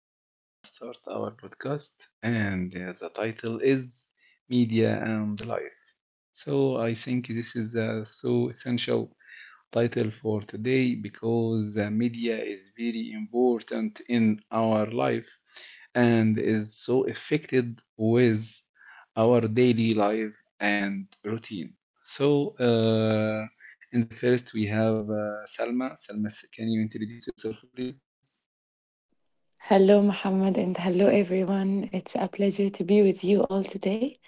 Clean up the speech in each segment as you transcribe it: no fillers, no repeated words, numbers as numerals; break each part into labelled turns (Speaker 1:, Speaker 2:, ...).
Speaker 1: today we're gonna start our podcast, and the title is Media and Life. So, I think this is a so essential title for today because media is very important in our life and is so affected with our daily life and routine. So, in the first, we have Salma. Salma, can you introduce yourself, please?
Speaker 2: Hello, Muhammad, and hello, everyone. It's a pleasure to be with you all today.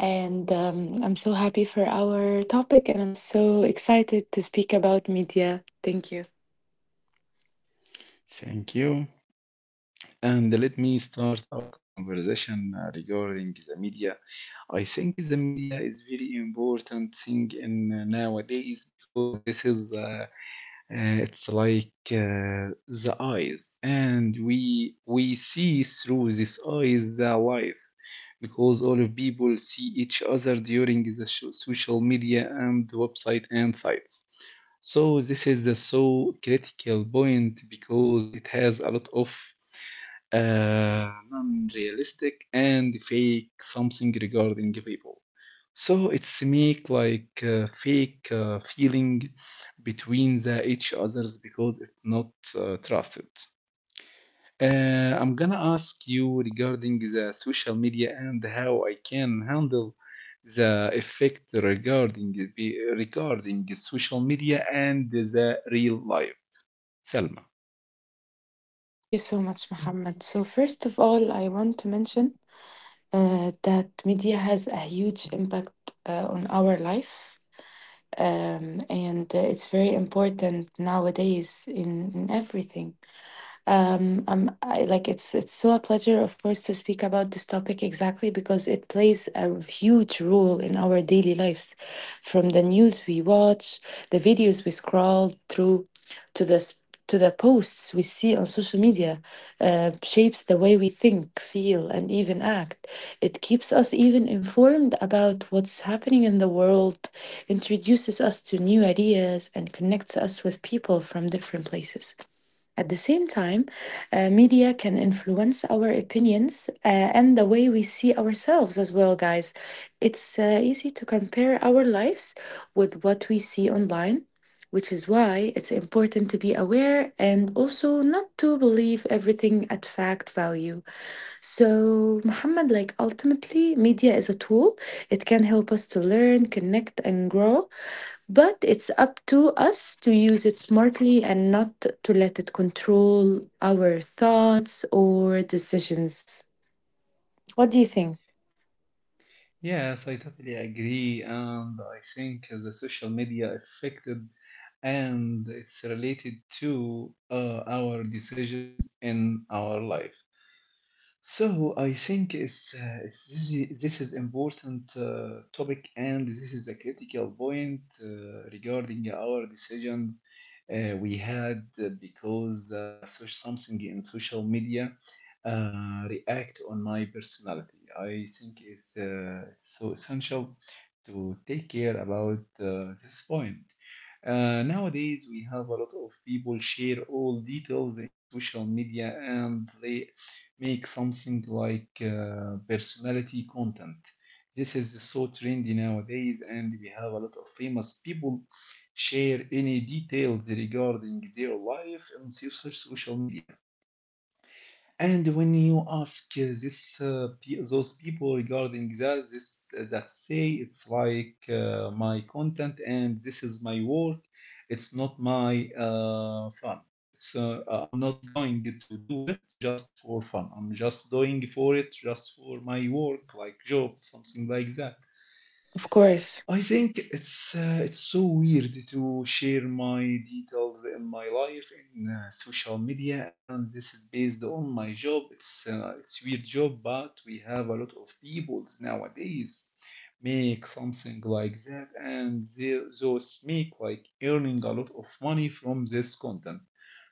Speaker 2: And I'm so happy for our topic, and I'm so excited to speak about media. Thank you.
Speaker 1: Thank you. And let me start our conversation regarding the media. I think the media is very important thing in nowadays because this is it's like the eyes, and we see through this eyes the life because all of people see each other during the social media and website and sites. So this is a so critical point because it has a lot of non-realistic and fake something regarding people. So it's make like fake feeling between the each others because it's not trusted. I'm gonna ask you regarding the social media and how I can handle the effect regarding the social media and the real life. Selma.
Speaker 2: Thank you so much, Muhammad. So, first of all, I want to mention that media has a huge impact on our life, and it's very important nowadays in everything. Like it's so a pleasure, of course, to speak about this topic exactly because it plays a huge role in our daily lives, from the news we watch, the videos we scroll through, to the s- to the posts we see on social media, shapes the way we think, feel, and even act. It keeps us even informed about what's happening in the world, introduces us to new ideas, and connects us with people from different places. At the same time, media can influence our opinions and the way we see ourselves as well, guys. It's easy to compare our lives with what we see online, which is why it's important to be aware and also not to believe everything at fact value. So, Muhammad, like ultimately, media is a tool. It can help us to learn, connect, and grow. But it's up to us to use it smartly and not to let it control our thoughts or decisions. What do you think?
Speaker 1: Yes, I totally agree, and I think the social media affected and it's related to our decisions in our life. So I think this is important topic and this is a critical point regarding our decisions we had because something in social media react on my personality. I think it's so essential to take care about this point. Nowadays, we have a lot of people share all details in social media and they make something like personality content. This is so trendy nowadays, and we have a lot of famous people share any details regarding their life on social media. And when you ask those people regarding that this that say it's like my content and this is my work, it's not my fun. So I'm not going to do it just for fun. I'm just doing for it just for my work, like job, something like that.
Speaker 2: Of course.
Speaker 1: I think it's so weird to share my details in my life in social media, and this is based on my job. It's weird job, but we have a lot of peoples nowadays make something like that, and they, those make like earning a lot of money from this content.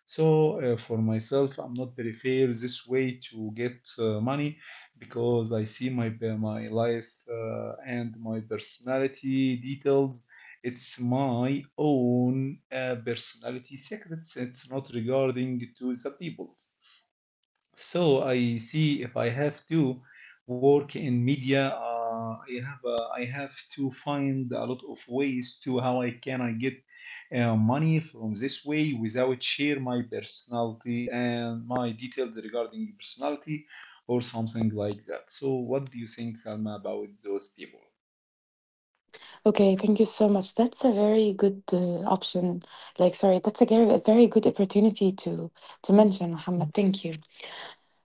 Speaker 1: So for myself, I'm not very fair this way to get money because I see my my life and my personality details. It's my own personality secrets. It's not regarding to the people's. So I see if I have to work in media, I have to find a lot of ways to how I can I get money from this way without share my personality and my details regarding personality or something like that. So what do you think, Salma, about those people?
Speaker 2: Okay, thank you so much. That's a very good option. Like, sorry, that's a very good opportunity to mention, Muhammad. Thank you.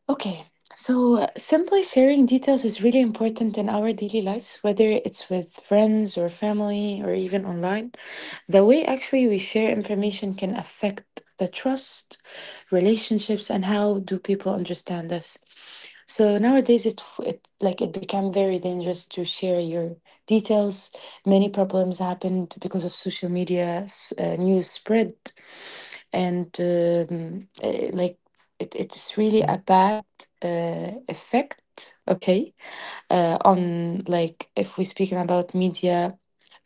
Speaker 2: Okay, so simply sharing details is really important in our daily lives, whether it's with friends or family or even online. The way actually we share information can affect the trust, relationships, and how do people understand us. So nowadays, it like it became very dangerous to share your details. Many problems happened because of social media news spread, and like it's really a bad effect. Okay, on like if we're speaking about media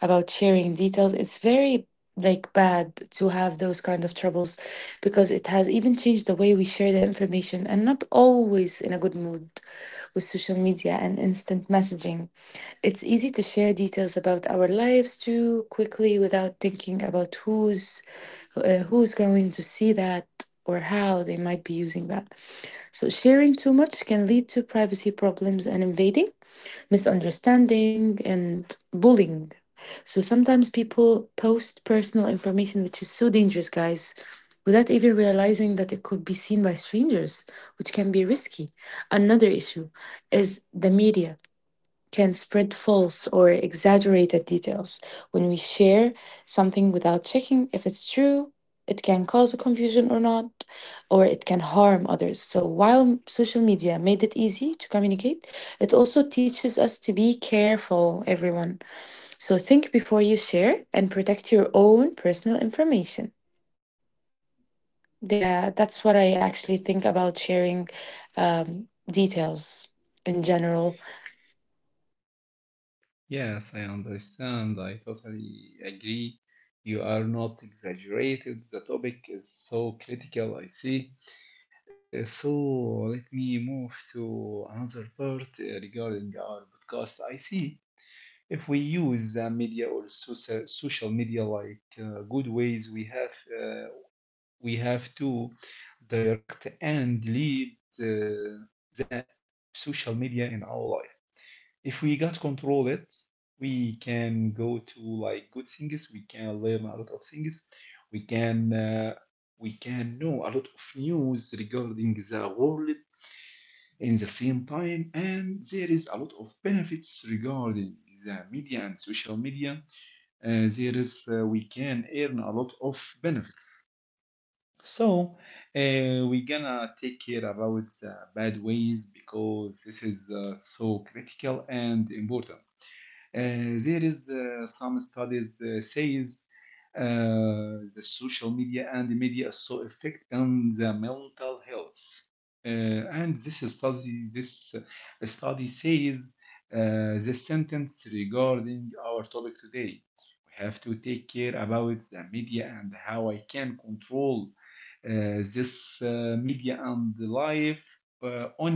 Speaker 2: about sharing details, it's very like bad to have those kind of troubles because it has even changed the way we share the information and not always in a good mood. With social media and instant messaging, it's easy to share details about our lives too quickly without thinking about who's going to see that or how they might be using that. So sharing too much can lead to privacy problems and invading, misunderstanding, and bullying. So sometimes people post personal information, which is so dangerous, guys, without even realizing that it could be seen by strangers, which can be risky. Another issue is the media can spread false or exaggerated details. When we share something without checking if it's true, it can cause a confusion or not, or it can harm others. So while social media made it easy to communicate, it also teaches us to be careful, everyone. So think before you share and protect your own personal information. Yeah, that's what I actually think about sharing details in general.
Speaker 1: Yes, I understand. I totally agree. You are not exaggerated. The topic is so critical, I see. So let me move to another part regarding our podcast. I see if we use the media or social media like good ways, we have to direct and lead the social media in our life. If we got control it, we can go to like good things. We can learn a lot of things. We can uh, we can know a lot of news regarding the world in the same time and there is a lot of benefits regarding the media and social media there is we can earn a lot of benefits so uh, we gonna take care about the bad ways because this is so critical and important there is some studies says the social media and the media is so effect on the mental health. Uh, and this study says uh, the sentence regarding our topic today. We have to take care about the media and how I can control uh, this media and life on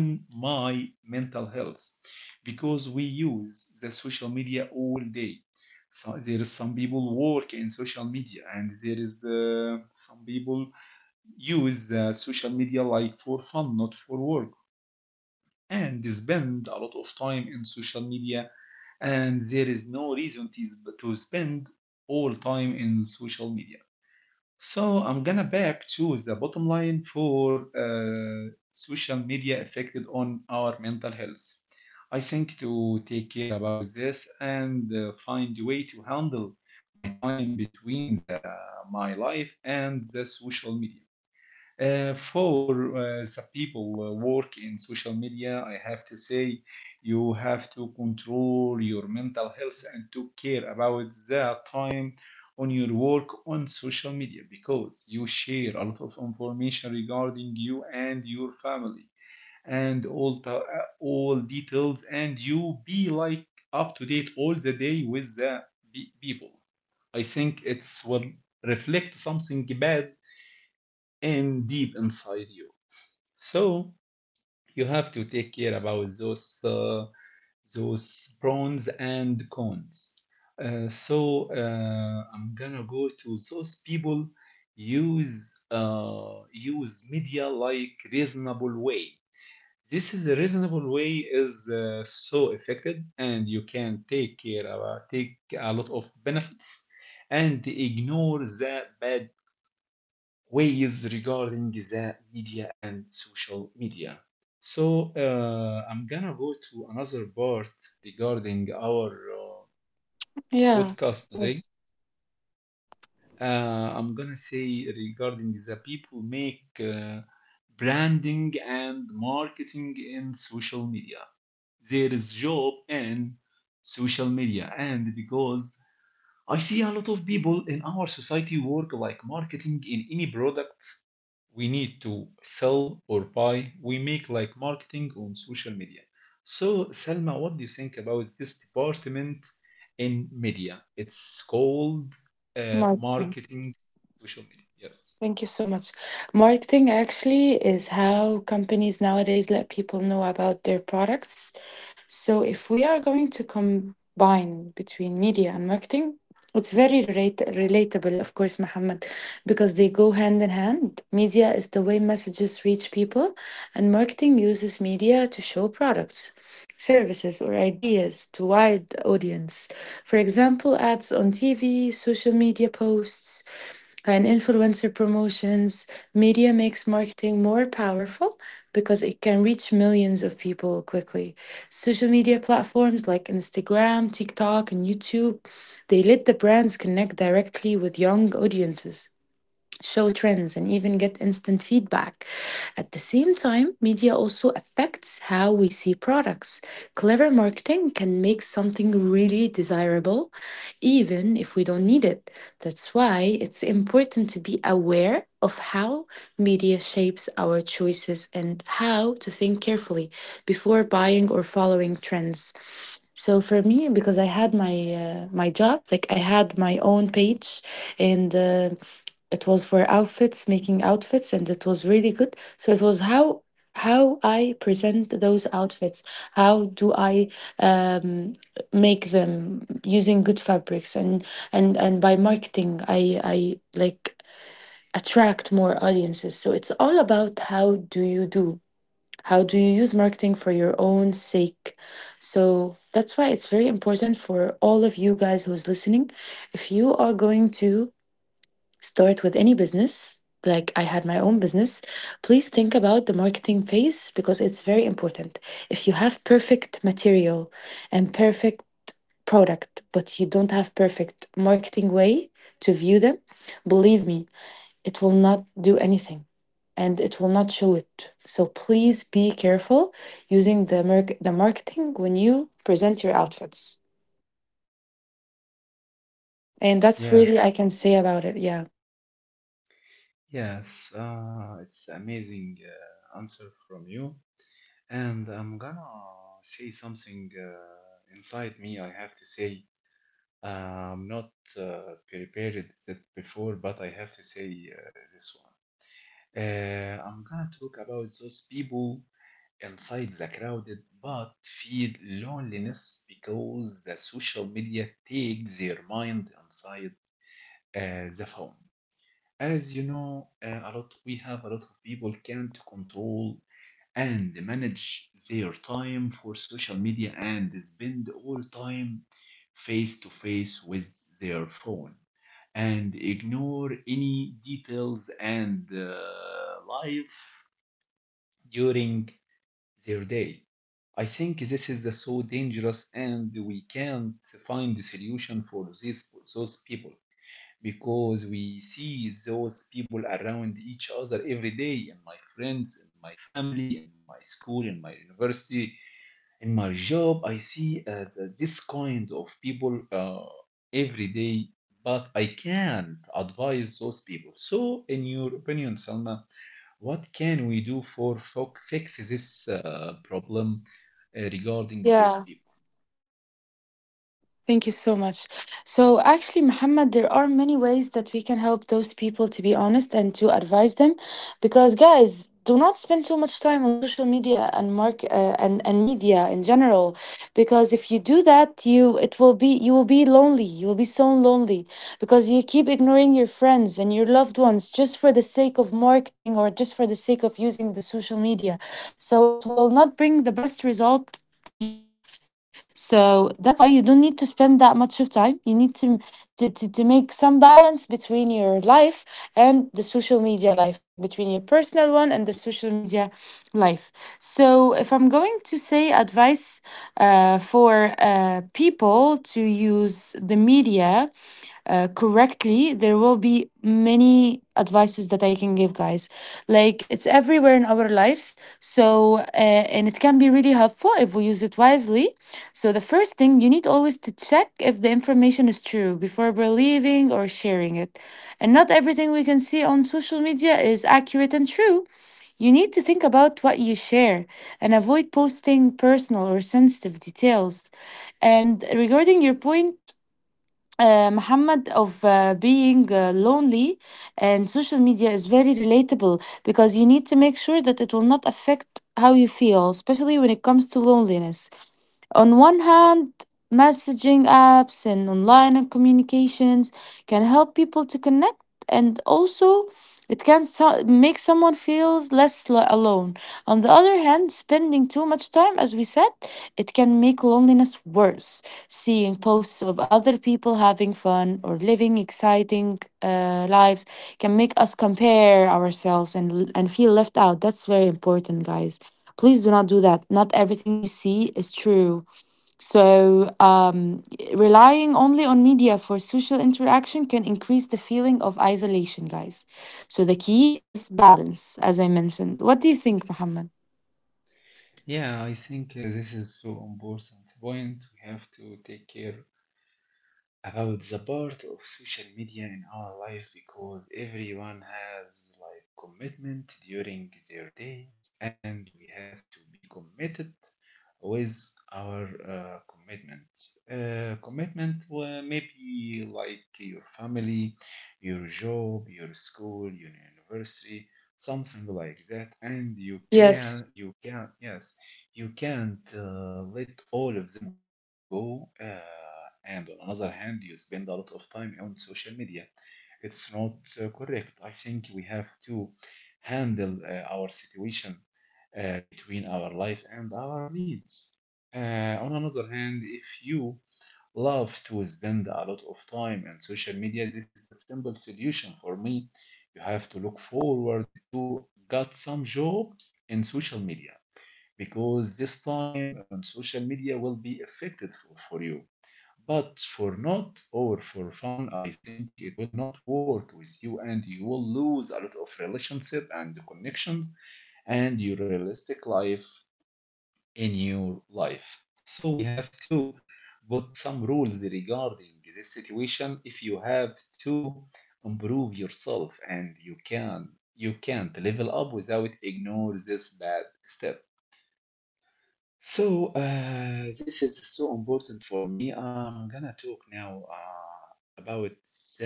Speaker 1: my mental health because we use the social media all day. So there is some people work in social media, and there is some people use social media like for fun, not for work, and they spend a lot of time in social media, and there is no reason to spend all time in social media. So I'm gonna back to the bottom line for social media affected on our mental health. I think to take care about this and find a way to handle my time between my life and the social media. For The people work in social media, I have to say you have to control your mental health and to care about the time on your work on social media because you share a lot of information regarding you and your family and all details and you be like up to date all the day with the people. I think it's will reflect something bad and deep inside you. So you have to take care about those pros and cons. I'm gonna go to those people use media like reasonable way. This is a reasonable way is so effective, and you can take care about take a lot of benefits and ignore the bad ways regarding the media and social media. So I'm gonna go to another part regarding our
Speaker 2: Yeah, of
Speaker 1: podcast today.
Speaker 2: course.
Speaker 1: I'm gonna say regarding the people make branding and marketing in social media. There is job in social media, and because I see a lot of people in our society work like marketing in any product we need to sell or buy. We make like marketing on social media. So, Salma, what do you think about this department in media? It's called
Speaker 2: Marketing.
Speaker 1: marketing social media. Yes.
Speaker 2: Thank you so much. Marketing actually is how companies nowadays let people know about their products. So if we are going to combine between media and marketing, relatable, of course, Mohammed, because they go hand in hand. Media is the way messages reach people, and marketing uses media to show products, services, or ideas to wide audience. For example, ads on TV, social media posts, and influencer promotions, media makes marketing more powerful because it can reach millions of people quickly. Social media platforms like Instagram, TikTok, and YouTube, they let the brands connect directly with young audiences, show trends, and even get instant feedback. At the same time, media also affects how we see products. Clever marketing can make something really desirable, even if we don't need it. That's why it's important to be aware of how media shapes our choices and how to think carefully before buying or following trends. So for me, because I had my job, like I had my own page, and it was for outfits, making outfits, and it was really good. So it was how I present those outfits. How do I um, make them using good fabrics and and by marketing, I like attract more audiences. So it's all about how do you do. How do you use marketing for your own sake? So that's why it's very important for all of you guys who's listening. If you are going to start with any business, like I had my own business, please think about the marketing phase because it's very important. If you have perfect material and perfect product, but you don't have perfect marketing way to view them, believe me, it will not do anything and it will not show it. So please be careful using the marketing when you present your outfits. And that's really I
Speaker 1: Yes,
Speaker 2: can say about it. Yeah.
Speaker 1: yes, it's amazing answer from you. And I'm gonna say something inside me. I have to say, uh, I'm not prepared that before, but I have to say this one. I'm gonna talk about those people inside the crowded but feel loneliness because the social media takes their mind inside the phone. As you know, a lot we have a lot of people can't control and manage their time for social media and spend all time face to face with their phone and ignore any details and life during their day. I think this is the so dangerous, and we can't find a solution for these those people because we see those people around each other every day in my friends, in my family, in my school, in my university, in my job. I see this kind of people every day, but I can't advise those people. So, in your opinion, Salma? What can we do for fo fix this problem regarding those people?
Speaker 2: Thank you so much. So, actually, Muhammad, there are many ways that we can help those people to be honest and to advise them. Because, guys, do not spend too much time on social media and mark and media in general, because if you do that, you it will be you will be lonely, you will be so lonely, because you keep ignoring your friends and your loved ones just for the sake of marketing or just for the sake of using the social media. So it will not bring the best result to you. So that's why you don't need to spend that much of time. You need to make some balance between your life and the social media life, like between your personal one and the social media life. So if I'm going to say advice for people to use the media, correctly, there will be many advices that I can give, guys. Like it's everywhere in our lives, so and it can be really helpful if we use it wisely. So, the first thing, you need always to check if the information is true before believing or sharing it. And not everything we can see on social media is accurate and true. You need to think about what you share and avoid posting personal or sensitive details. And regarding your point, Muhammad, of being lonely, and social media is very relatable because you need to make sure that it will not affect how you feel, especially when it comes to loneliness. On one hand, messaging apps and online communications can help people to connect, and also make someone feel alone. On the other hand, spending too much time, as we said, it can make loneliness worse. Seeing posts of other people having fun or living exciting lives can make us compare ourselves and feel left out. That's very important, guys. Please do not do that. Not everything you see is true. So, relying only on media for social interaction can increase the feeling of isolation, guys. So, the key is balance, as I mentioned. What do you think, Mohammed?
Speaker 1: Yeah, I think this is so important point. We have to take care about the part of social media in our life because everyone has like commitment during their days and we have to be committed with our commitment well, maybe like your family, your job, your school, your university, something like that and
Speaker 2: Yes.
Speaker 1: you can't let all of them go. And on another hand, you spend a lot of time on social media. It's not correct. I think we have to handle our situation between our life and our needs. On another hand, if you love to spend a lot of time on social media, this is the simple solution for me. You have to look forward to got some jobs in social media because this time on social media will be affected for you. But for not or for fun, I think it will not work with you and you will lose a lot of relationship and connections and your realistic life in your life. So we have to put some rules regarding this situation if you have to improve yourself and you can't level up without ignore this bad step. So, this is so important for me. I'm gonna talk now about the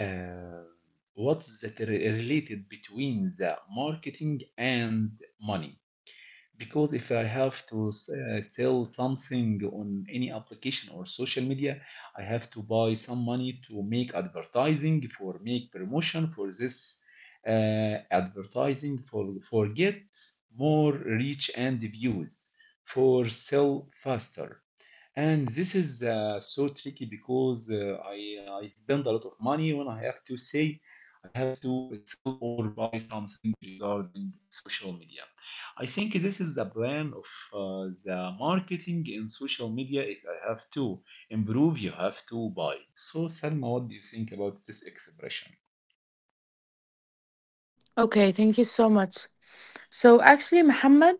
Speaker 1: uh, what's that related between the marketing and money. Because if I have to sell something on any application or social media, I have to buy some money to make advertising for make promotion for this advertising for get more reach and views for sell faster. And this is so tricky because I spend a lot of money when I have to say I have to sell or buy something regarding social media. I think this is the plan of the marketing in social media. If I have to improve, you have to buy. So, Salma, what do you think about this expression?
Speaker 2: Okay, thank you so much. So, actually, Mohammed,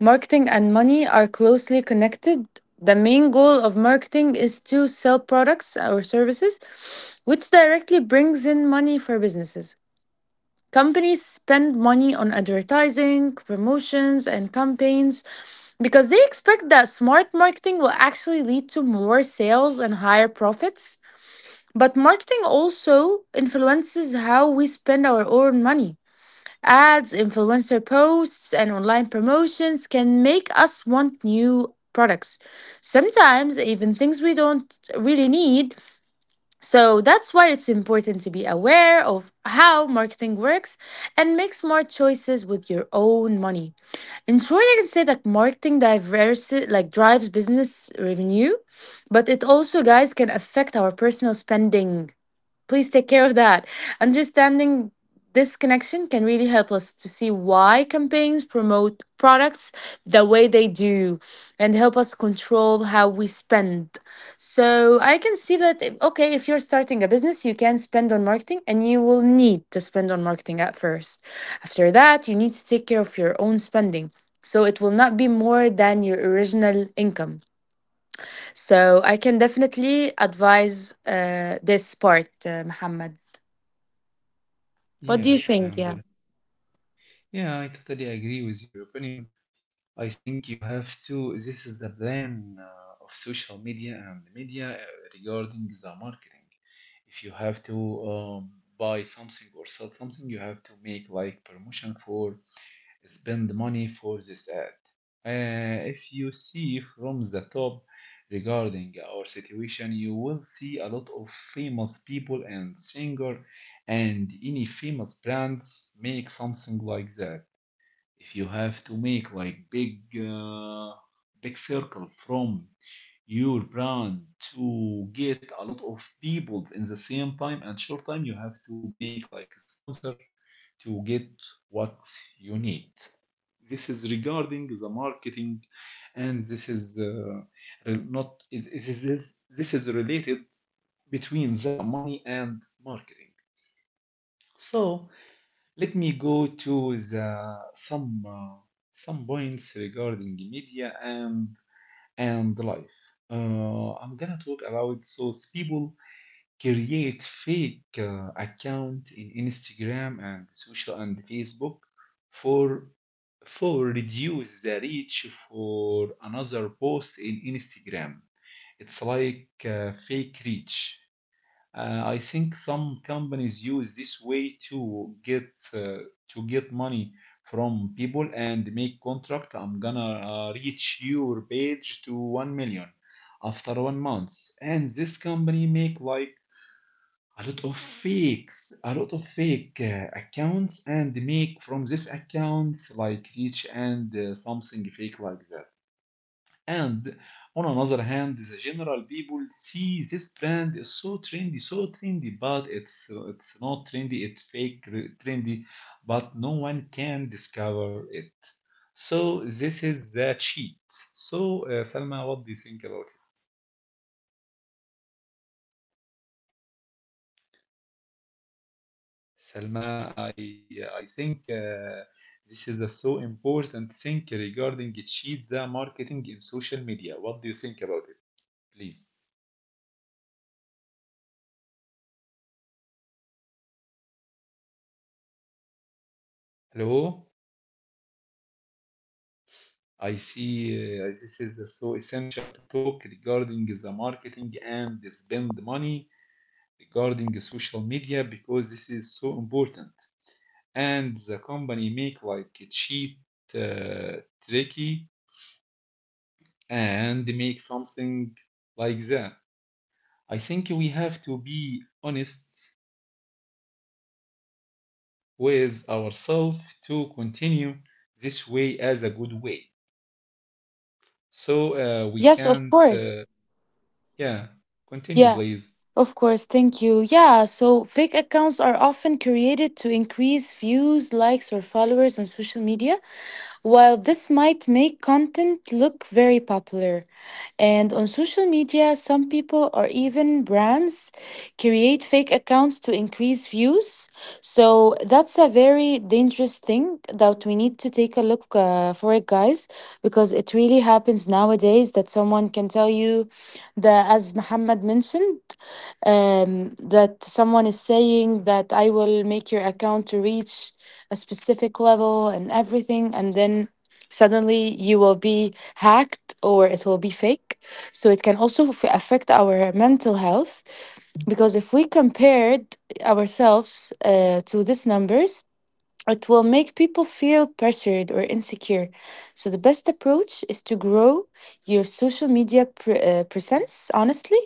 Speaker 2: marketing and money are closely connected. The main goal of marketing is to sell products or services, which directly brings in money for businesses. Companies spend money on advertising, promotions, and campaigns because they expect that smart marketing will actually lead to more sales and higher profits. But marketing also influences how we spend our own money. Ads, influencer posts, and online promotions can make us want new products. Sometimes, even things we don't really need, so that's why it's important to be aware of how marketing works and make smart choices with your own money. In short, I can say that marketing diverse like drives business revenue, but it also, guys, can affect our personal spending. Please take care of that. Understanding this connection can really help us to see why campaigns promote products the way they do and help us control how we spend. So I can see that, okay, if you're starting a business, you can spend on marketing and you will need to spend on marketing at first. After that, you need to take care of your own spending. So it will not be more than your original income. So I can definitely advise this part, Muhammad. What do you
Speaker 1: Yes, I
Speaker 2: think? Yeah.
Speaker 1: under Yeah, I totally agree with your opinion. I think you have to. This is the plan of social media and the media regarding the marketing. If you have to um, buy something or sell something, you have to make like promotion for spend money for this ad. If you see from the top regarding our situation, you will see a lot of famous people and singer and any famous brands make something like that if you have to make like big circle from your brand to get a lot of people in the same time and short time, you have to make like a sponsor to get what you need. This is regarding the marketing, and this is not is is- this is related between the money and marketing. So let me go to the some points regarding media and life. I'm gonna talk about those people create fake account in Instagram and social and Facebook for for reduce the reach for another post in Instagram. It's like fake reach. I think some companies use this way to get money from people and make contract. I'm gonna reach your page to 1 million after 1 month, and this company make like a lot of fakes, a lot of fake accounts, and make from this accounts like reach and something fake like that. And on another hand, the general people see this brand is so trendy, but it's not trendy, it's fake trendy, but no one can discover it. So this is the cheat. So Salma, what do you think about it?
Speaker 2: Okay, Mohammed, thank you so much for bringing this up. That's a very important thing, guys. You need to
Speaker 1: Salma,
Speaker 2: take.
Speaker 1: I think this is a so important thing regarding cheat the marketing in social media. What do you think about it? Please.
Speaker 2: Yeah, yeah, of course, of course. Like fake accounts are often created to increase views, likes, or followers on
Speaker 1: Hello?
Speaker 2: social.
Speaker 1: I see this is so essential to talk regarding the marketing and the spend money regarding social media because this is so important. And the company make like a cheat tricky and make something like that. I think we have to be honest with ourselves to continue this way as a good way. So we
Speaker 2: Yes, of
Speaker 1: can't,
Speaker 2: course.
Speaker 1: yeah, continue,
Speaker 2: Yeah,
Speaker 1: please.
Speaker 2: of course. Thank you. Yeah, so fake accounts are often created to increase views, likes, or followers on social media. While this might make content look very popular, and on social media, some people or even brands create fake accounts to increase views. So that's a very dangerous thing that we need to take a look for it, guys, because it really happens nowadays that someone can tell you that, as Muhammad mentioned, that someone is saying that I will make your account to reach a specific level and everything, and then suddenly you will be hacked or it will be fake. So it can also affect our mental health, because if we compared ourselves to these numbers, it will make people feel pressured or insecure. So the best approach is to grow your social media presence honestly,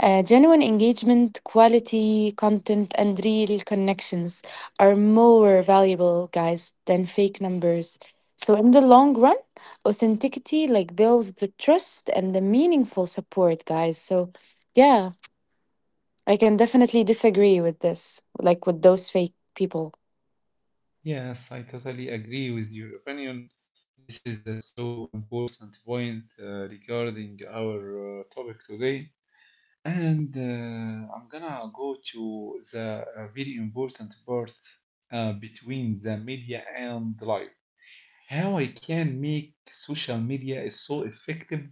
Speaker 2: genuine engagement, quality content, and real connections are more valuable, guys, than fake numbers. So, in the long run, authenticity like builds the trust and the meaningful support, guys. So, yeah, I can definitely disagree with this, like with those fake people.
Speaker 1: Yes, I totally agree with your opinion. This is a so important point regarding our topic today. And I'm gonna go to the very important part between the media and life. How I can make social media is so effective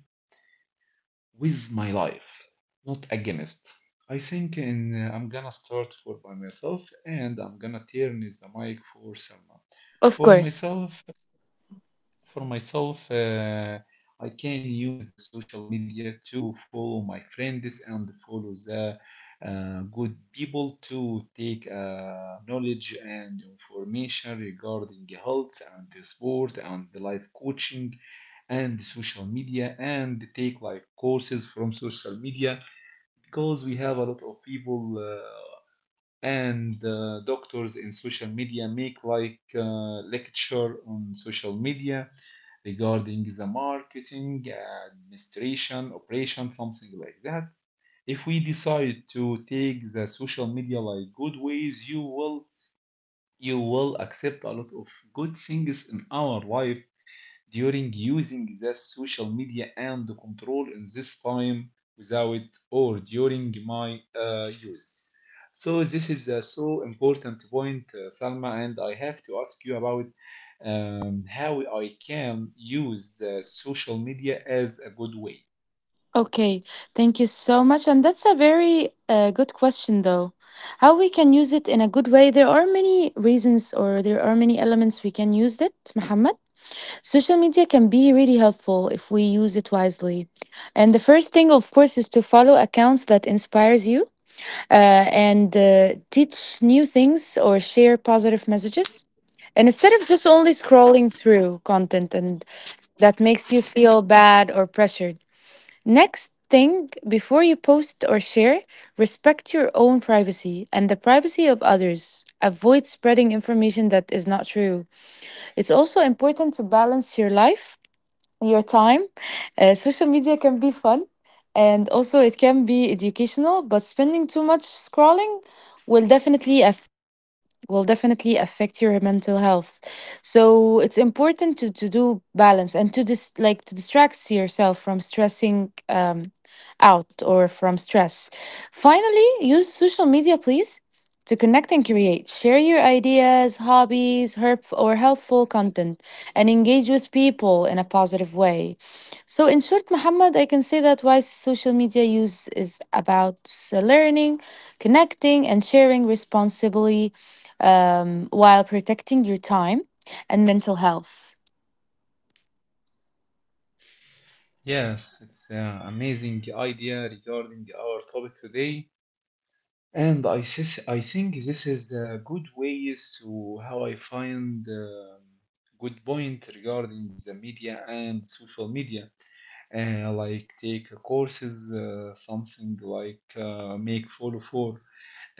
Speaker 1: with my life, not against. I think and I'm gonna start for by myself and I'm gonna turn the mic for someone
Speaker 2: Of
Speaker 1: for
Speaker 2: course.
Speaker 1: myself. For myself, I can use the social media to follow my friends and follow the good people to take knowledge and information regarding health and sport and life coaching and social media and take like courses from social media because we have a lot of people and doctors in social media make like lecture on social media regarding the marketing, administration, operation, something like that. If we decide to take the social media like good ways, you will accept a lot of good things in our life during using the social media and the control in this time without or during my use. So this is a so important point, Salma, and I have to ask you about how I can use social media as a good way.
Speaker 2: Okay, thank you so much. And that's a very good question, though. How we can use it in a good way? There are many reasons, or there are many elements we can use it, Muhammad. Social media can be really helpful if we use it wisely. And the first thing, of course, is to follow accounts that inspires you and teach new things or share positive messages. And instead of just only scrolling through content and that makes you feel bad or pressured. Next thing, before you post or share, respect your own privacy and the privacy of others. Avoid spreading information that is not true. It's also important to balance your life, your time. Social media can be fun and also it can be educational, but spending too much scrolling will definitely affect will definitely affect your mental health. So it's important to do balance and like to distract yourself from stressing out or from stress. Finally, use social media, please, to connect and create. Share your ideas, hobbies, herp- or helpful content, and engage with people in a positive way. So, in short, Muhammad, I can say that why social media use is about learning, connecting, and sharing responsibly, while protecting your time and mental health.
Speaker 1: Yes, it's an amazing idea regarding our topic today. And I think this is a good ways to how I find good point regarding the media and social media. Like take courses, something like make follow for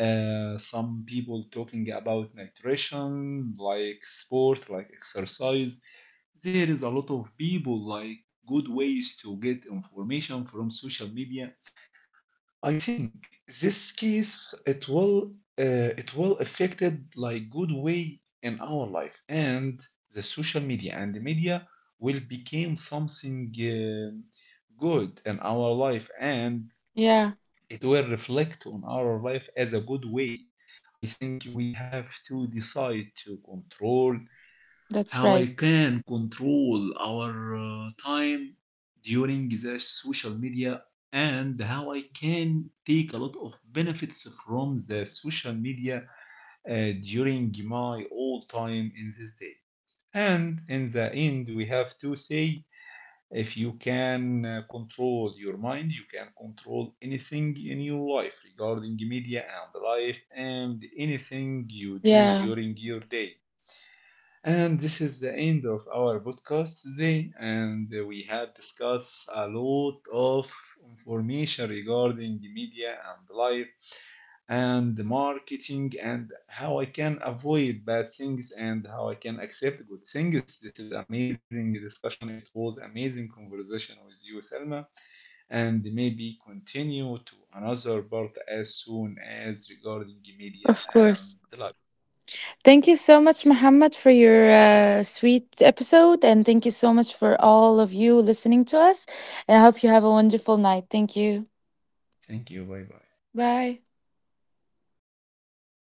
Speaker 1: some people talking about nutrition, like sport, like exercise. There is a lot of people like good ways to get information from social media. I think this case it will affected like good way in our life and the social media and the media will become something good in our life and
Speaker 2: Yeah,
Speaker 1: it will reflect on our life as a good way. I think we have to decide to control
Speaker 2: that's
Speaker 1: how
Speaker 2: right.
Speaker 1: I can control our time during the social media and how I can take a lot of benefits from the social media during my all time in this day. And in the end, we have to say if you can control your mind, you can control anything in your life regarding media and life and anything you do
Speaker 2: Yeah,
Speaker 1: during your day. And this is the end of our podcast today. And we have discussed a lot of information regarding media and life and the marketing and how I can avoid bad things and how I can accept good things. This is amazing discussion. It was amazing conversation with you, Selma. And maybe continue to another part as soon as regarding media
Speaker 2: of
Speaker 1: and
Speaker 2: course.
Speaker 1: life.
Speaker 2: Thank you so much, Muhammad, for your sweet episode. And thank you so much for all of you listening to us. And I hope you have a wonderful night. Thank you.
Speaker 1: Thank you. Bye bye.
Speaker 2: Bye.